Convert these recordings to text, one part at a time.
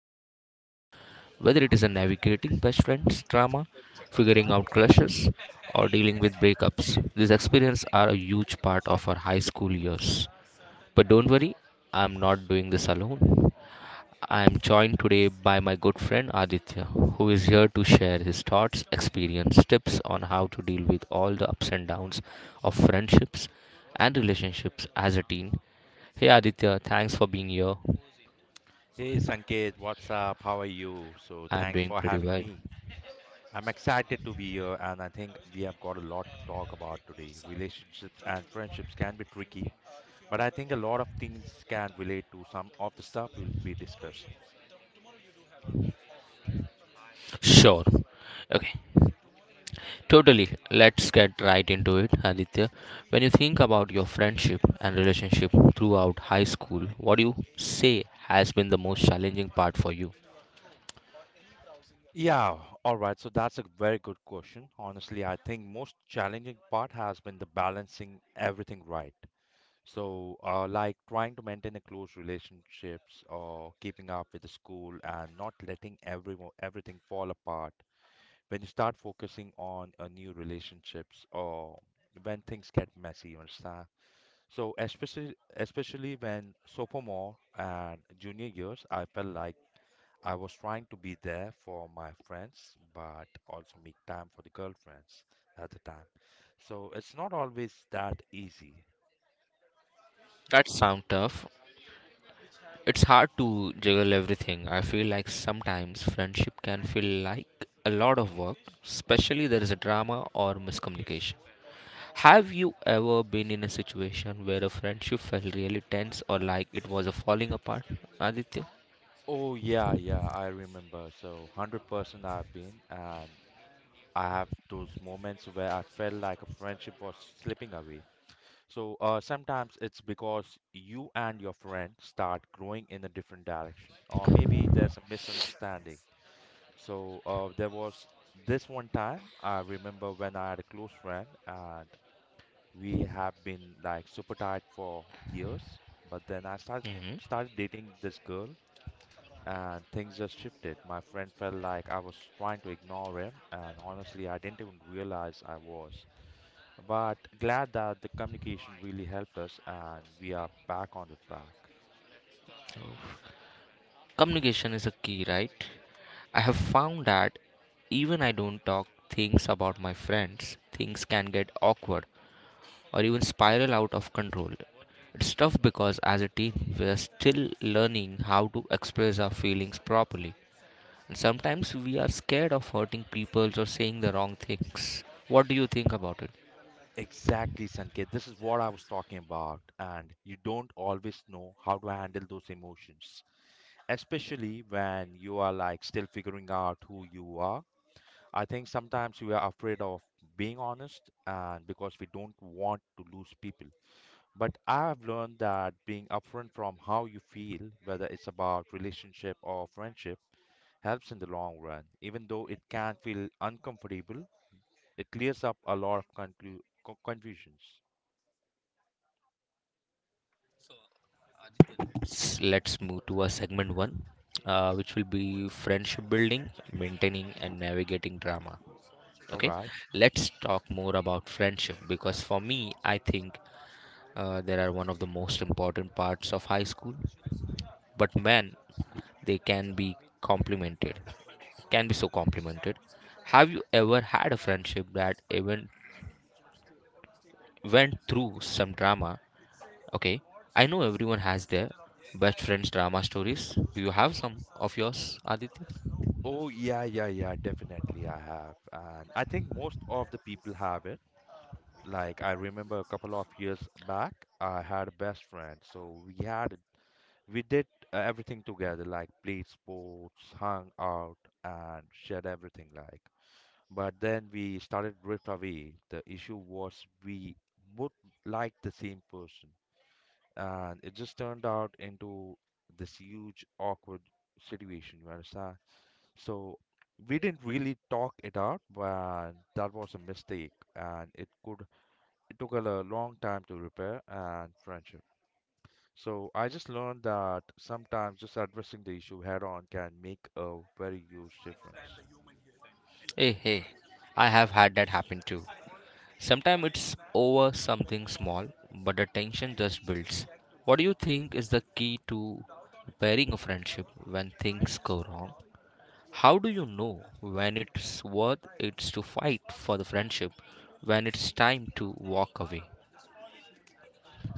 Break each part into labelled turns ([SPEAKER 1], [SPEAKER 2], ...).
[SPEAKER 1] relationship. Whether it is a navigating best friends drama, figuring out crushes, or dealing with breakups, these experiences are a huge part of our high school years. But don't worry, I'm not doing this alone. I am joined today by my good friend Aditya, who is here to share his thoughts, experience, tips on how to deal with all the ups and downs of friendships and relationships as a teen. Hey Aditya, thanks for being here.
[SPEAKER 2] Hey Sanket, what's up? How are you? So
[SPEAKER 1] I'm
[SPEAKER 2] thanks
[SPEAKER 1] doing
[SPEAKER 2] for
[SPEAKER 1] pretty
[SPEAKER 2] having
[SPEAKER 1] well.
[SPEAKER 2] me. I'm excited to be here, and I think we have got a lot to talk about today. Relationships and friendships can be tricky, but I think a lot of things can relate to some of the stuff we'll be discussing.
[SPEAKER 1] Sure. Okay. Totally. Let's get right into it, Aditya. When you think about your friendship and relationship throughout high school, what do you say has been the most challenging part for you?
[SPEAKER 2] Yeah, all right. So that's a very good question. Honestly, I think most challenging part has been the balancing everything right. So, like trying to maintain the close relationships or keeping up with the school and not letting everyone everything fall apart. When you start focusing on a new relationships or when things get messy, you understand? So, especially when sophomore and junior years, I felt like I was trying to be there for my friends, but also make time for the girlfriends at the time. So, it's not always that easy.
[SPEAKER 1] That sounds tough. It's hard to juggle everything. I feel like sometimes friendship can feel like a lot of work, especially there is a drama or miscommunication. Have you ever been in a situation where a friendship felt really tense or like it was a falling apart, Aditya?
[SPEAKER 2] Oh yeah, yeah, I remember. So 100% I've been, and I have those moments where I felt like a friendship was slipping away. So sometimes it's because you and your friend start growing in a different direction, or maybe there's a misunderstanding. So there was this one time I remember when I had a close friend, and we have been like super tight for years, but then I started
[SPEAKER 1] Hmm.
[SPEAKER 2] started dating this girl, and things just shifted. My friend felt like I was trying to ignore him, and honestly, I didn't even realize I was. But glad that the communication really helped us, and we are back on the track.
[SPEAKER 1] Communication is a key, right? I have found that even I don't talk things about my friends, things can get awkward, or even spiral out of control. It's tough because as a teen, we are still learning how to express our feelings properly. And sometimes we are scared of hurting people or saying the wrong things. What do you think about it?
[SPEAKER 2] Exactly, Sanket. This is what I was talking about, and you don't always know how to handle those emotions, especially when you are like still figuring out who you are. I think sometimes we are afraid of being honest, and because we don't want to lose people. But I've learned that being upfront from how you feel, whether it's about relationship or friendship, helps in the long run. Even though it can feel uncomfortable, it clears up a lot of confusions.
[SPEAKER 1] Let's move to our segment one, which will be friendship building, maintaining, and navigating drama.
[SPEAKER 2] All
[SPEAKER 1] Okay,
[SPEAKER 2] right.
[SPEAKER 1] let's talk more about friendship because for me, I think there are one of the most important parts of high school. But man, they can be complimented can be so complimented. Have you ever had a friendship that even went through some drama? Okay, I know everyone has their best friends drama stories. Do you have some of yours, Aditya?
[SPEAKER 2] Oh, yeah, yeah, yeah, definitely I have. And I think most of the people have it. Like I remember a couple of years back, I had a best friend. So we did everything together, like played sports, hung out, and shared everything, like, but then we started drift away. The issue was we both liked the same person, and it just turned out into this huge awkward situation. You understand? So we didn't really talk it out, but that was a mistake, and it took a long time to repair and friendship. So I just learned that sometimes just addressing the issue head on can make a very huge difference.
[SPEAKER 1] Hey, hey, I have had that happen too. Sometimes it's over something small, but the tension just builds. What do you think is the key to repairing a friendship when things go wrong? How do you know when it's worth it's to fight for the friendship, when it's time to walk away?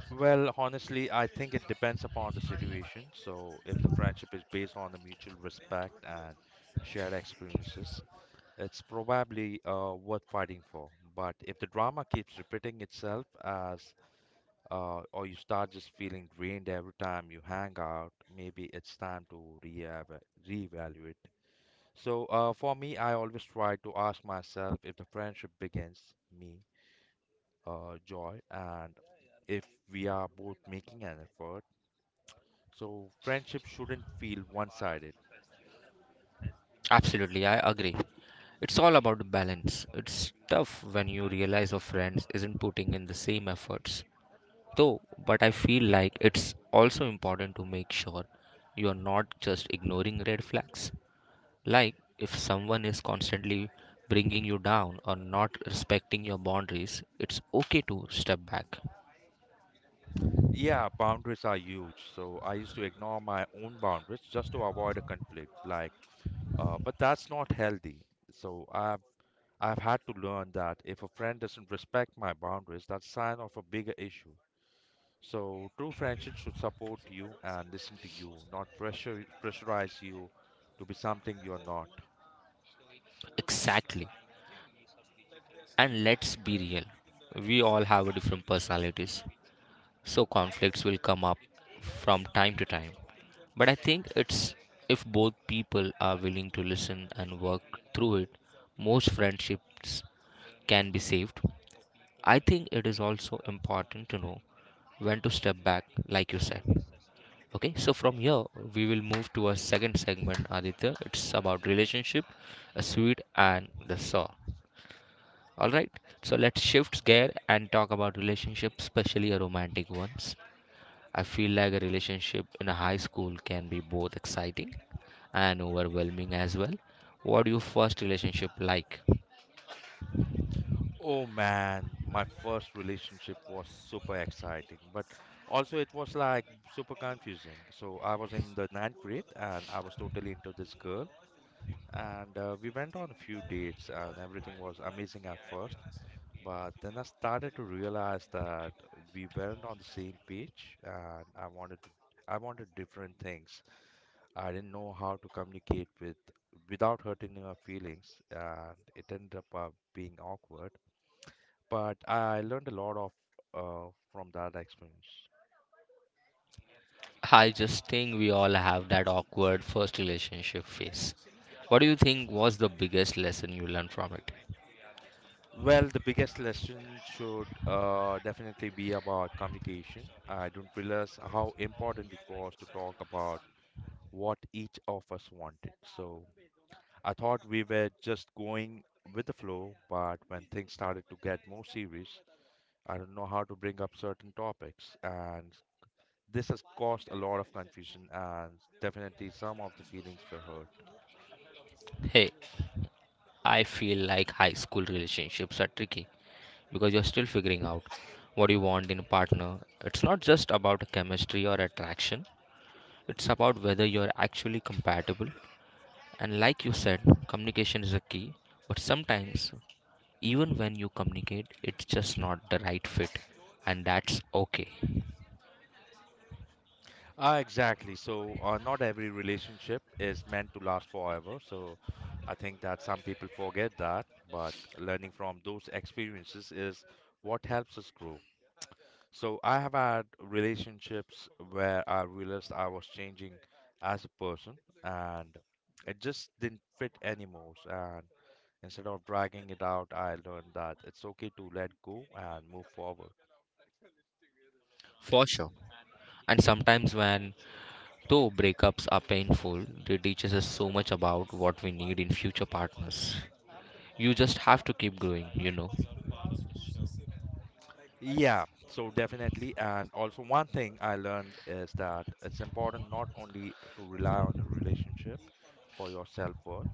[SPEAKER 2] Well, honestly, I think it depends upon the situation. So, if the friendship is based on the mutual respect and shared experiences, it's probably worth fighting for. But if the drama keeps repeating itself as or you start just feeling drained every time you hang out, maybe it's time to re-evaluate. Reevaluate. So, for me, I always try to ask myself if the friendship begins me joy, and if we are both making an effort. So friendship shouldn't feel one-sided.
[SPEAKER 1] Absolutely, I agree. It's all about balance. It's tough when you realize your friends isn't putting in the same efforts. Though, but I feel like it's also important to make sure you are not just ignoring red flags. Like if someone is constantly bringing you down or not respecting your boundaries, it's okay to step back.
[SPEAKER 2] Yeah, boundaries are huge. So I used to ignore my own boundaries just to avoid a conflict. Like, but that's not healthy. So I've had to learn that if a friend doesn't respect my boundaries, that's a sign of a bigger issue. So true friendship should support you and listen to you, not pressure pressurize you to be something you're not.
[SPEAKER 1] Exactly. And let's be real, we all have a different personalities, so conflicts will come up from time to time. But I think it's if both people are willing to listen and work through it, most friendships can be saved. I think it is also important to know when to step back, like you said. Okay, so from here we will move to our second segment, Aditya. It's about relationship, a sweet and the sour. All right, so let's shift gear and talk about relationships, especially a romantic ones. I feel like a relationship in a high school can be both exciting and overwhelming as well. What your first relationship like?
[SPEAKER 2] Oh man, my first relationship was super exciting, but also it was like super confusing. So I was in the ninth grade and I was totally into this girl, and we went on a few dates, and everything was amazing at first. But then I started to realize that we weren't on the same page, and I wanted different things. I didn't know how to communicate without hurting her feelings, and it ended up being awkward, but I learned a lot of from that experience.
[SPEAKER 1] I just think we all have that awkward first relationship phase. What do you think was the biggest lesson you learned from it?
[SPEAKER 2] Well, the biggest lesson should definitely be about communication. I don't realize how important it was to talk about what each of us wanted. So I thought we were just going with the flow, but when things started to get more serious, I don't know how to bring up certain topics. And this has caused a lot of confusion, and definitely some of the feelings were hurt.
[SPEAKER 1] Hey, I feel like high school relationships are tricky because you're still figuring out what you want in a partner. It's not just about chemistry or attraction. It's about whether you're actually compatible. And like you said, communication is a key. But sometimes, even when you communicate, it's just not the right fit. And that's okay.
[SPEAKER 2] Exactly. So, not every relationship is meant to last forever. So, I think that some people forget that, but learning from those experiences is what helps us grow. So, I have had relationships where I realized I was changing as a person, and it just didn't fit anymore. And instead of dragging it out, I learned that it's okay to let go and move forward.
[SPEAKER 1] For sure. And sometimes, when though breakups are painful, they teaches us so much about what we need in future partners. You just have to keep growing, you know.
[SPEAKER 2] Yeah, so definitely. And also, one thing I learned is that it's important not only to rely on a relationship for your self-worth.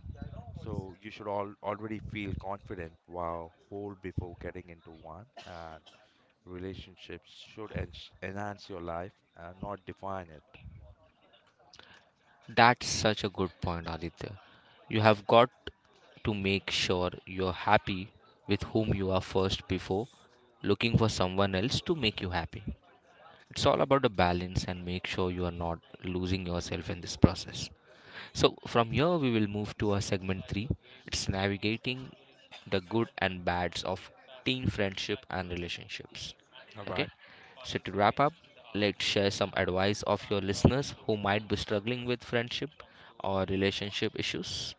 [SPEAKER 2] So you should all already feel confident while whole before getting into one. And relationships should en enhance your life and not define it.
[SPEAKER 1] That's such a good point, Aditya. You have got to make sure you're happy with whom you are first before looking for someone else to make you happy. It's all about the balance and make sure you are not losing yourself in this process. So from here we will move to our segment 3. It's navigating the good and bads of teen friendship and relationships.
[SPEAKER 2] All
[SPEAKER 1] Okay?
[SPEAKER 2] right.
[SPEAKER 1] So to wrap up, let's share some advice of your listeners who might be struggling with friendship or relationship issues.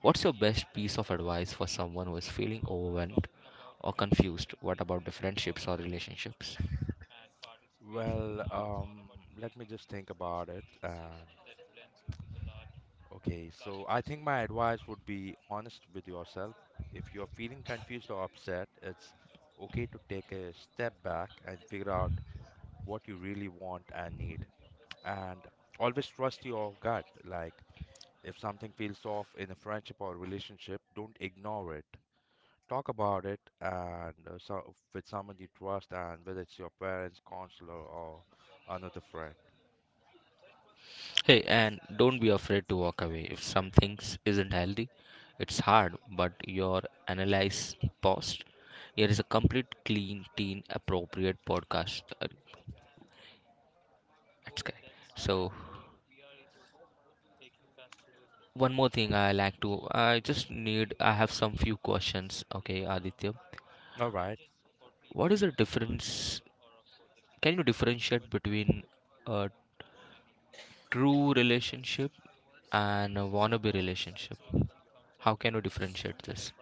[SPEAKER 1] What's your best piece of advice for someone who is feeling overwhelmed or confused? What about the friendships or relationships?
[SPEAKER 2] Well, let me just think about it. And Okay, so I think my advice would be honest with yourself. If you're feeling confused or upset, it's okay to take a step back and figure out what you really want and need. And always trust your gut. Like, if something feels off in a friendship or relationship, don't ignore it. Talk about it and, so, with someone you trust, and whether it's your parents, counselor, or another friend.
[SPEAKER 1] Hey, and don't be afraid to walk away if something isn't healthy. It's hard, but your analyze post. Here is a complete, clean, teen appropriate podcast at Sky. So, one more thing I like to. I just need. I have some few questions. Okay, Aditya,
[SPEAKER 2] All right.
[SPEAKER 1] what is the difference? Can you differentiate between a true relationship and a wannabe relationship? How can you differentiate this?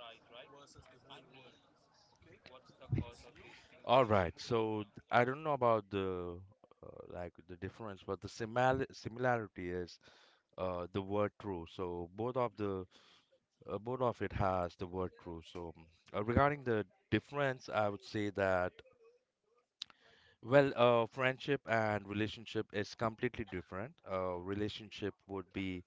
[SPEAKER 2] All right. So I don't know about the like the difference, but the similarity is the word true. So both of it has the word true. So regarding the difference, I would say that well, friendship and relationship is completely different. Relationship would be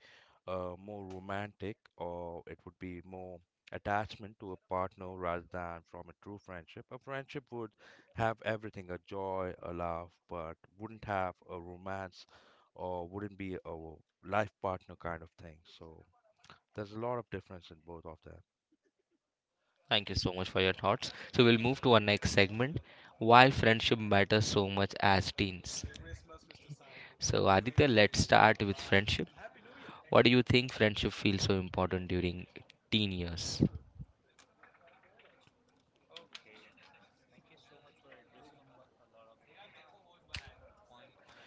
[SPEAKER 2] more romantic, or it would be more attachment to a partner rather than from a true friendship. A friendship would have everything, a joy, a laugh, but wouldn't have a romance or wouldn't be a life partner kind of thing. So there's a lot of difference in both of them.
[SPEAKER 1] Thank you so much for your thoughts. So we'll move to our next segment. Why friendship matters so much as teens. So Aditya, let's start with friendship. What do you think friendship feels so important during teen years?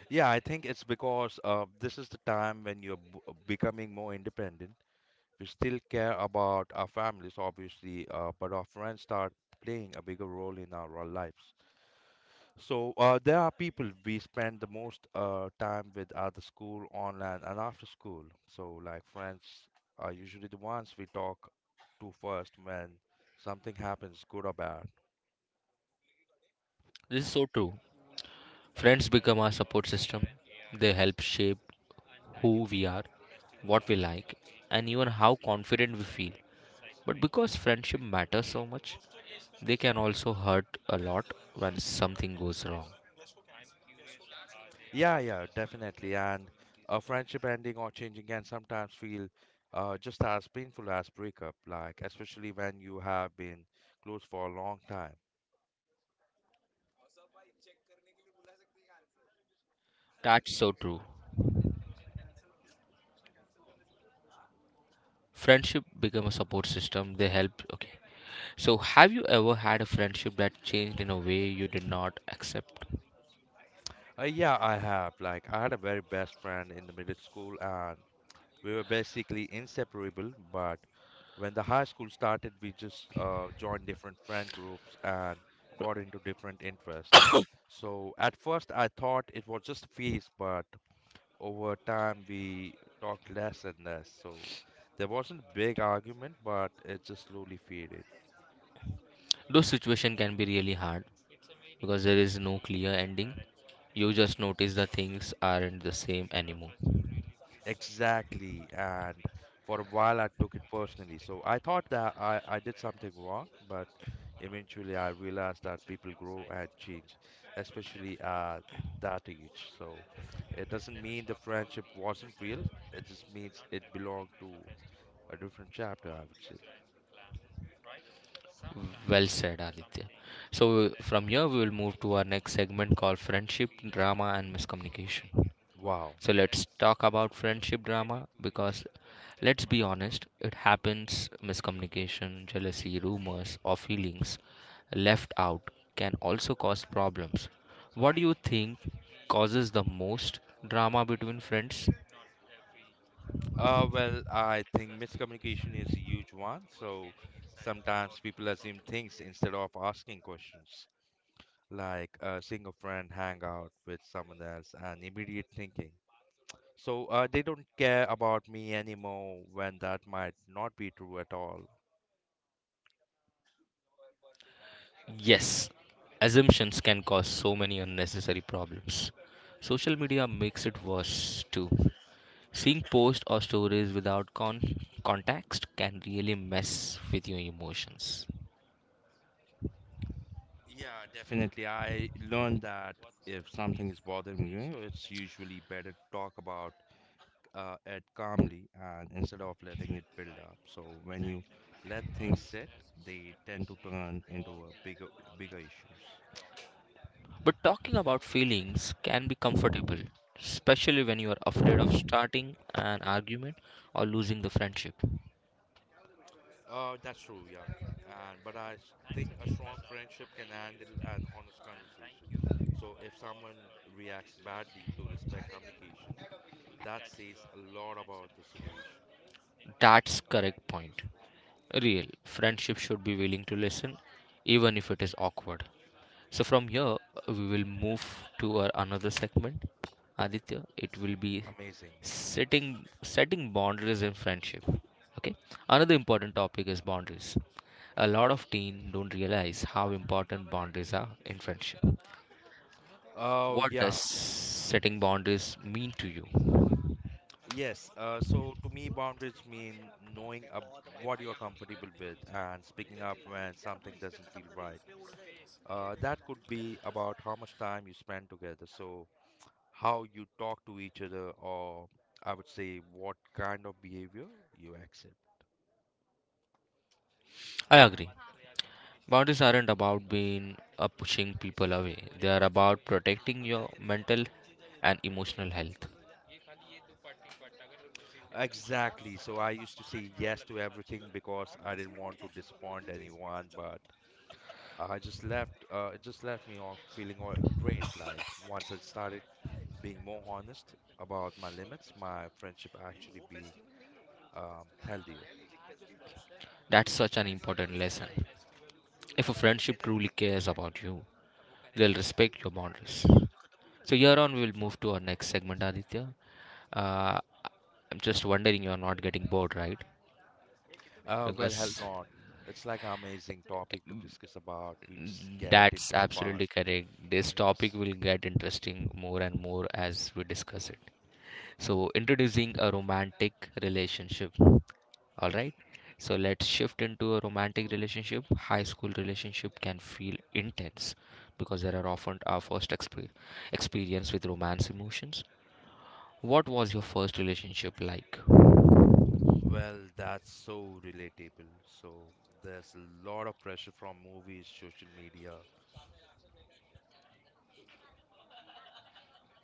[SPEAKER 2] Yeah, I think it's because this is the time when you're becoming more independent. We still care about our families, obviously, but our friends start playing a bigger role in our lives. So there are people we spend the most time with at the school, online, and after school. So like friends are usually the ones we talk to first when something happens, good or bad.
[SPEAKER 1] This is so true. Friends become our support system. They help shape who we are, what we like, and even how confident we feel. But because friendship matters so much, they can also hurt a lot when something goes wrong.
[SPEAKER 2] Yeah, yeah, definitely. And a friendship ending or changing can sometimes feel just as painful as breakup, like especially when you have been close for a long time.
[SPEAKER 1] That's so true. Friendship become a support system. They help. Okay. So, have you ever had a friendship that changed in a way you did not accept?
[SPEAKER 2] Yeah, I have. Like, I had a very best friend in the middle school, and we were basically inseparable. But when the high school started, we just joined different friend groups and got into different interests. So at first, I thought it was just a phase, but over time, we talked less and less. So there wasn't big argument, but it just slowly faded.
[SPEAKER 1] Those situation can be really hard because there is no clear ending. You just notice the things aren't the same anymore.
[SPEAKER 2] Exactly. And for a while, I took it personally. So I thought that I did something wrong, but eventually I realized that people grow and change, especially at that age. So it doesn't mean the friendship wasn't real, it just means it belonged to a different chapter, I would say.
[SPEAKER 1] Well said, Aditya. So, from here, we will move to our next segment called Friendship Drama and Miscommunication.
[SPEAKER 2] Wow.
[SPEAKER 1] So, let's talk about friendship drama because let's be honest, it happens. Miscommunication, jealousy, rumors, or feelings left out can also cause problems. What do you think causes the most drama between friends?
[SPEAKER 2] Well, I think miscommunication is a huge one. So sometimes people assume things instead of asking questions, like, seeing a friend hang out with someone else and immediate thinking. So they don't care about me anymore when that might not be true at all.
[SPEAKER 1] Yes, assumptions can cause so many unnecessary problems. Social media makes it worse too. Seeing posts or stories without context can really mess with your emotions.
[SPEAKER 2] Yeah, definitely. I learned that if something is bothering you, it's usually better to talk about it calmly, and instead of letting it build up. So when you let things sit, they tend to turn into a bigger issues.
[SPEAKER 1] But talking about feelings can be comfortable, especially when you are afraid of starting an argument or losing the friendship.
[SPEAKER 2] That's true, yeah. And but I think a strong friendship can handle an honest conversation. So if someone reacts badly to respect communication, that says a lot about the situation.
[SPEAKER 1] That's correct point. Real friendship should be willing to listen even if it is awkward. So from here we will move to our another segment. Aditya, it will be
[SPEAKER 2] Amazing.
[SPEAKER 1] setting boundaries in friendship. Okay? Another important topic is boundaries. A lot of teens don't realize how important boundaries are in friendship.
[SPEAKER 2] Oh
[SPEAKER 1] What
[SPEAKER 2] yeah,
[SPEAKER 1] does setting boundaries mean to you?
[SPEAKER 2] yes. So to me, boundaries mean knowing ab what you are comfortable with and speaking up when something doesn't feel right. That could be about how much time you spend together. So how you talk to each other, or I would say what kind of behavior you accept.
[SPEAKER 1] I agree. Boundaries aren't about being pushing people away. They are about protecting your mental and emotional health.
[SPEAKER 2] Exactly. So I used to say yes to everything because I didn't want to disappoint anyone, but I just left. It just left me all feeling all drained. Like once I started being more honest about my limits, my friendship actually being healthier.
[SPEAKER 1] That's such an important lesson. If a friendship truly cares about you, they'll respect your boundaries. So here on, we'll move to our next segment, Aditya. Uh, I'm just wondering you're not getting bored, right?
[SPEAKER 2] Well, hell
[SPEAKER 1] Because
[SPEAKER 2] not. It's like an amazing topic to discuss about. We just get
[SPEAKER 1] that's
[SPEAKER 2] into the
[SPEAKER 1] absolutely
[SPEAKER 2] past.
[SPEAKER 1] correct. This topic
[SPEAKER 2] Yes.
[SPEAKER 1] will get interesting more and more as we discuss it. So, introducing a romantic relationship. All right. So, let's shift into a romantic relationship. High school relationship can feel intense because there are often our first experience with romance emotions. What was your first relationship like?
[SPEAKER 2] Well, that's so relatable. So there's a lot of pressure from movies, social media.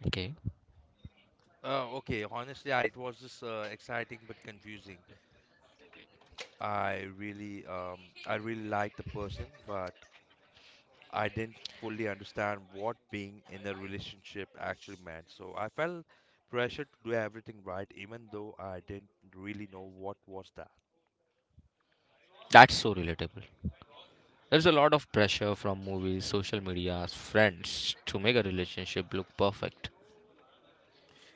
[SPEAKER 1] Okay.
[SPEAKER 2] Okay, honestly, it was just exciting but confusing. I really liked the person, but I didn't fully understand what being in a relationship actually meant. So I felt pressure to do everything right, even though I didn't really know what was that.
[SPEAKER 1] That's so relatable. There's a lot of pressure from movies, social media, friends to make a relationship look perfect.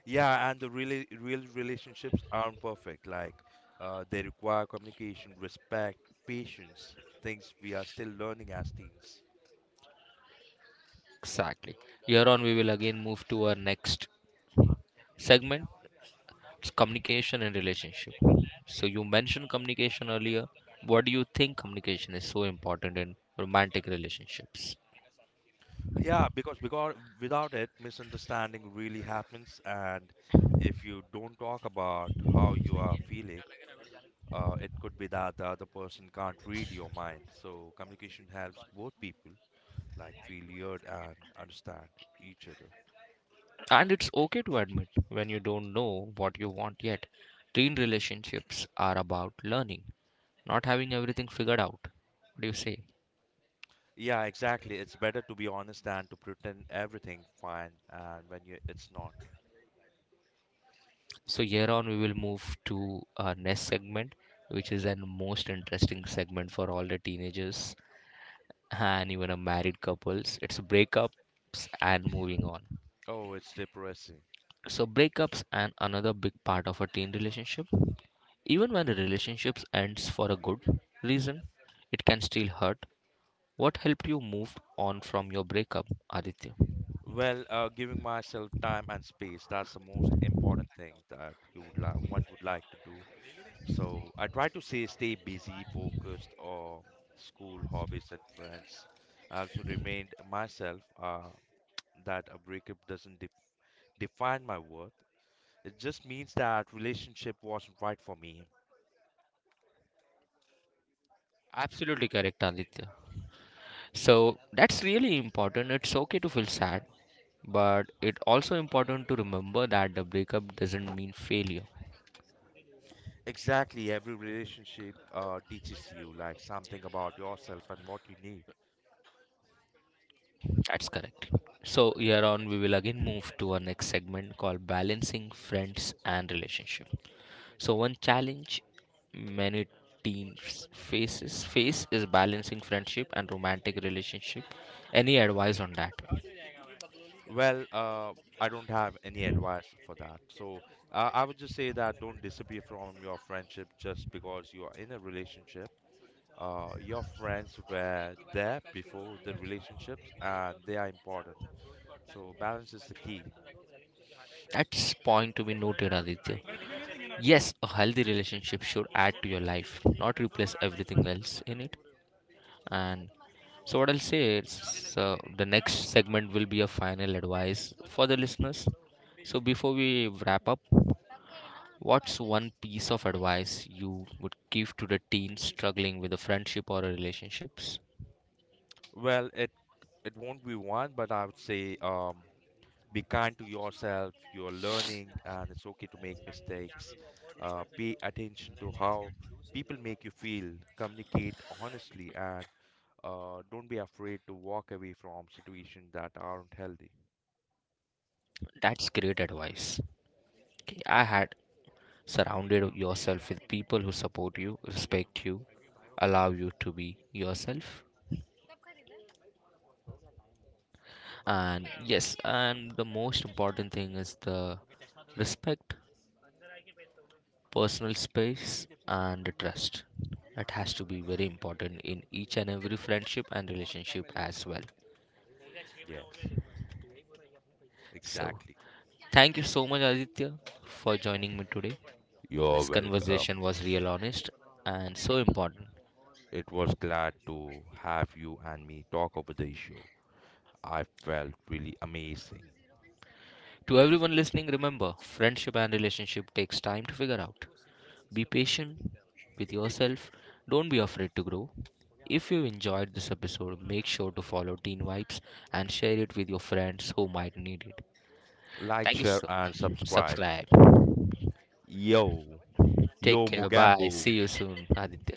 [SPEAKER 2] Yeah, and the real relationships aren't perfect. Like they require communication, respect, patience, things we are still learning as teens.
[SPEAKER 1] Exactly. Here on, we will again move to our next segment. It's communication and relationship. So you mentioned communication earlier. What do you think communication is so important in romantic relationships?
[SPEAKER 2] Yeah, because without it, misunderstanding really happens, and if you don't talk about how you are feeling, it could be that the other person can't read your mind. So communication helps both people like feel heard and understand each other.
[SPEAKER 1] And it's okay to admit when you don't know what you want yet. Teen relationships are about learning, not having everything figured out. What do you say?
[SPEAKER 2] Yeah, exactly. It's better to be honest than to pretend everything fine and when you it's not.
[SPEAKER 1] So here on we will move to our next segment, which is an most interesting segment for all the teenagers and even a married couples. It's breakups and moving on.
[SPEAKER 2] Oh, it's depressing.
[SPEAKER 1] So breakups and another big part of a teen relationship. Even when the relationship ends for a good reason, it can still hurt. What helped you move on from your breakup, Aditya?
[SPEAKER 2] Well, giving myself time and space, that's the most important thing that you would like one would like to do. So I try to say stay busy, focused on school, hobbies and friends. I also remind myself that a breakup doesn't de define my worth. It just means that relationship wasn't right for me.
[SPEAKER 1] Absolutely correct, Aditya. So that's really important. It's okay to feel sad, but it's also important to remember that the breakup doesn't mean failure.
[SPEAKER 2] Exactly, every relationship teaches you like something about yourself and what you need.
[SPEAKER 1] That's correct. So here on, we will again move to our next segment called balancing friends and relationship. So one challenge many teams faces face is balancing friendship and romantic relationship. Any advice on that?
[SPEAKER 2] Well, I don't have any advice for that. So I would just say that don't disappear from your friendship just because you are in a relationship. Your friends were there before the relationships, and they are important. So balance is the key.
[SPEAKER 1] That's point to be noted, Aditya. Yes, a healthy relationship should add to your life, not replace everything else in it. And so what I'll say is the next segment will be a final advice for the listeners. So before we wrap up, what's one piece of advice you would give to the teen struggling with a friendship or a relationships?
[SPEAKER 2] Well, it won't be one, but I would say be kind to yourself. You're learning, and it's okay to make mistakes. Pay attention to how people make you feel. Communicate honestly, and don't be afraid to walk away from situations that aren't healthy.
[SPEAKER 1] That's great advice. Okay, I had surrounded yourself with people who support you, respect you, allow you to be yourself. And yes, and the most important thing is the respect, personal space and the trust. That has to be very important in each and every friendship and relationship as well.
[SPEAKER 2] Yes,
[SPEAKER 1] So
[SPEAKER 2] exactly.
[SPEAKER 1] thank you so much, Aditya, for joining me today.
[SPEAKER 2] You're
[SPEAKER 1] This
[SPEAKER 2] welcome.
[SPEAKER 1] conversation was real honest and so important.
[SPEAKER 2] It was glad to have you and me talk over the issue. I felt really amazing.
[SPEAKER 1] To everyone listening, remember friendship and relationship takes time to figure out. Be patient with yourself. Don't be afraid to grow. If you enjoyed this episode, make sure to follow Teen Vibes and share it with your friends who might need it.
[SPEAKER 2] Like,
[SPEAKER 1] Thank you
[SPEAKER 2] share,
[SPEAKER 1] so
[SPEAKER 2] and
[SPEAKER 1] much.
[SPEAKER 2] subscribe.
[SPEAKER 1] Subscribe.
[SPEAKER 2] Yo, yo,
[SPEAKER 1] Take care.
[SPEAKER 2] Mugambo.
[SPEAKER 1] Bye. See you soon, Aditya.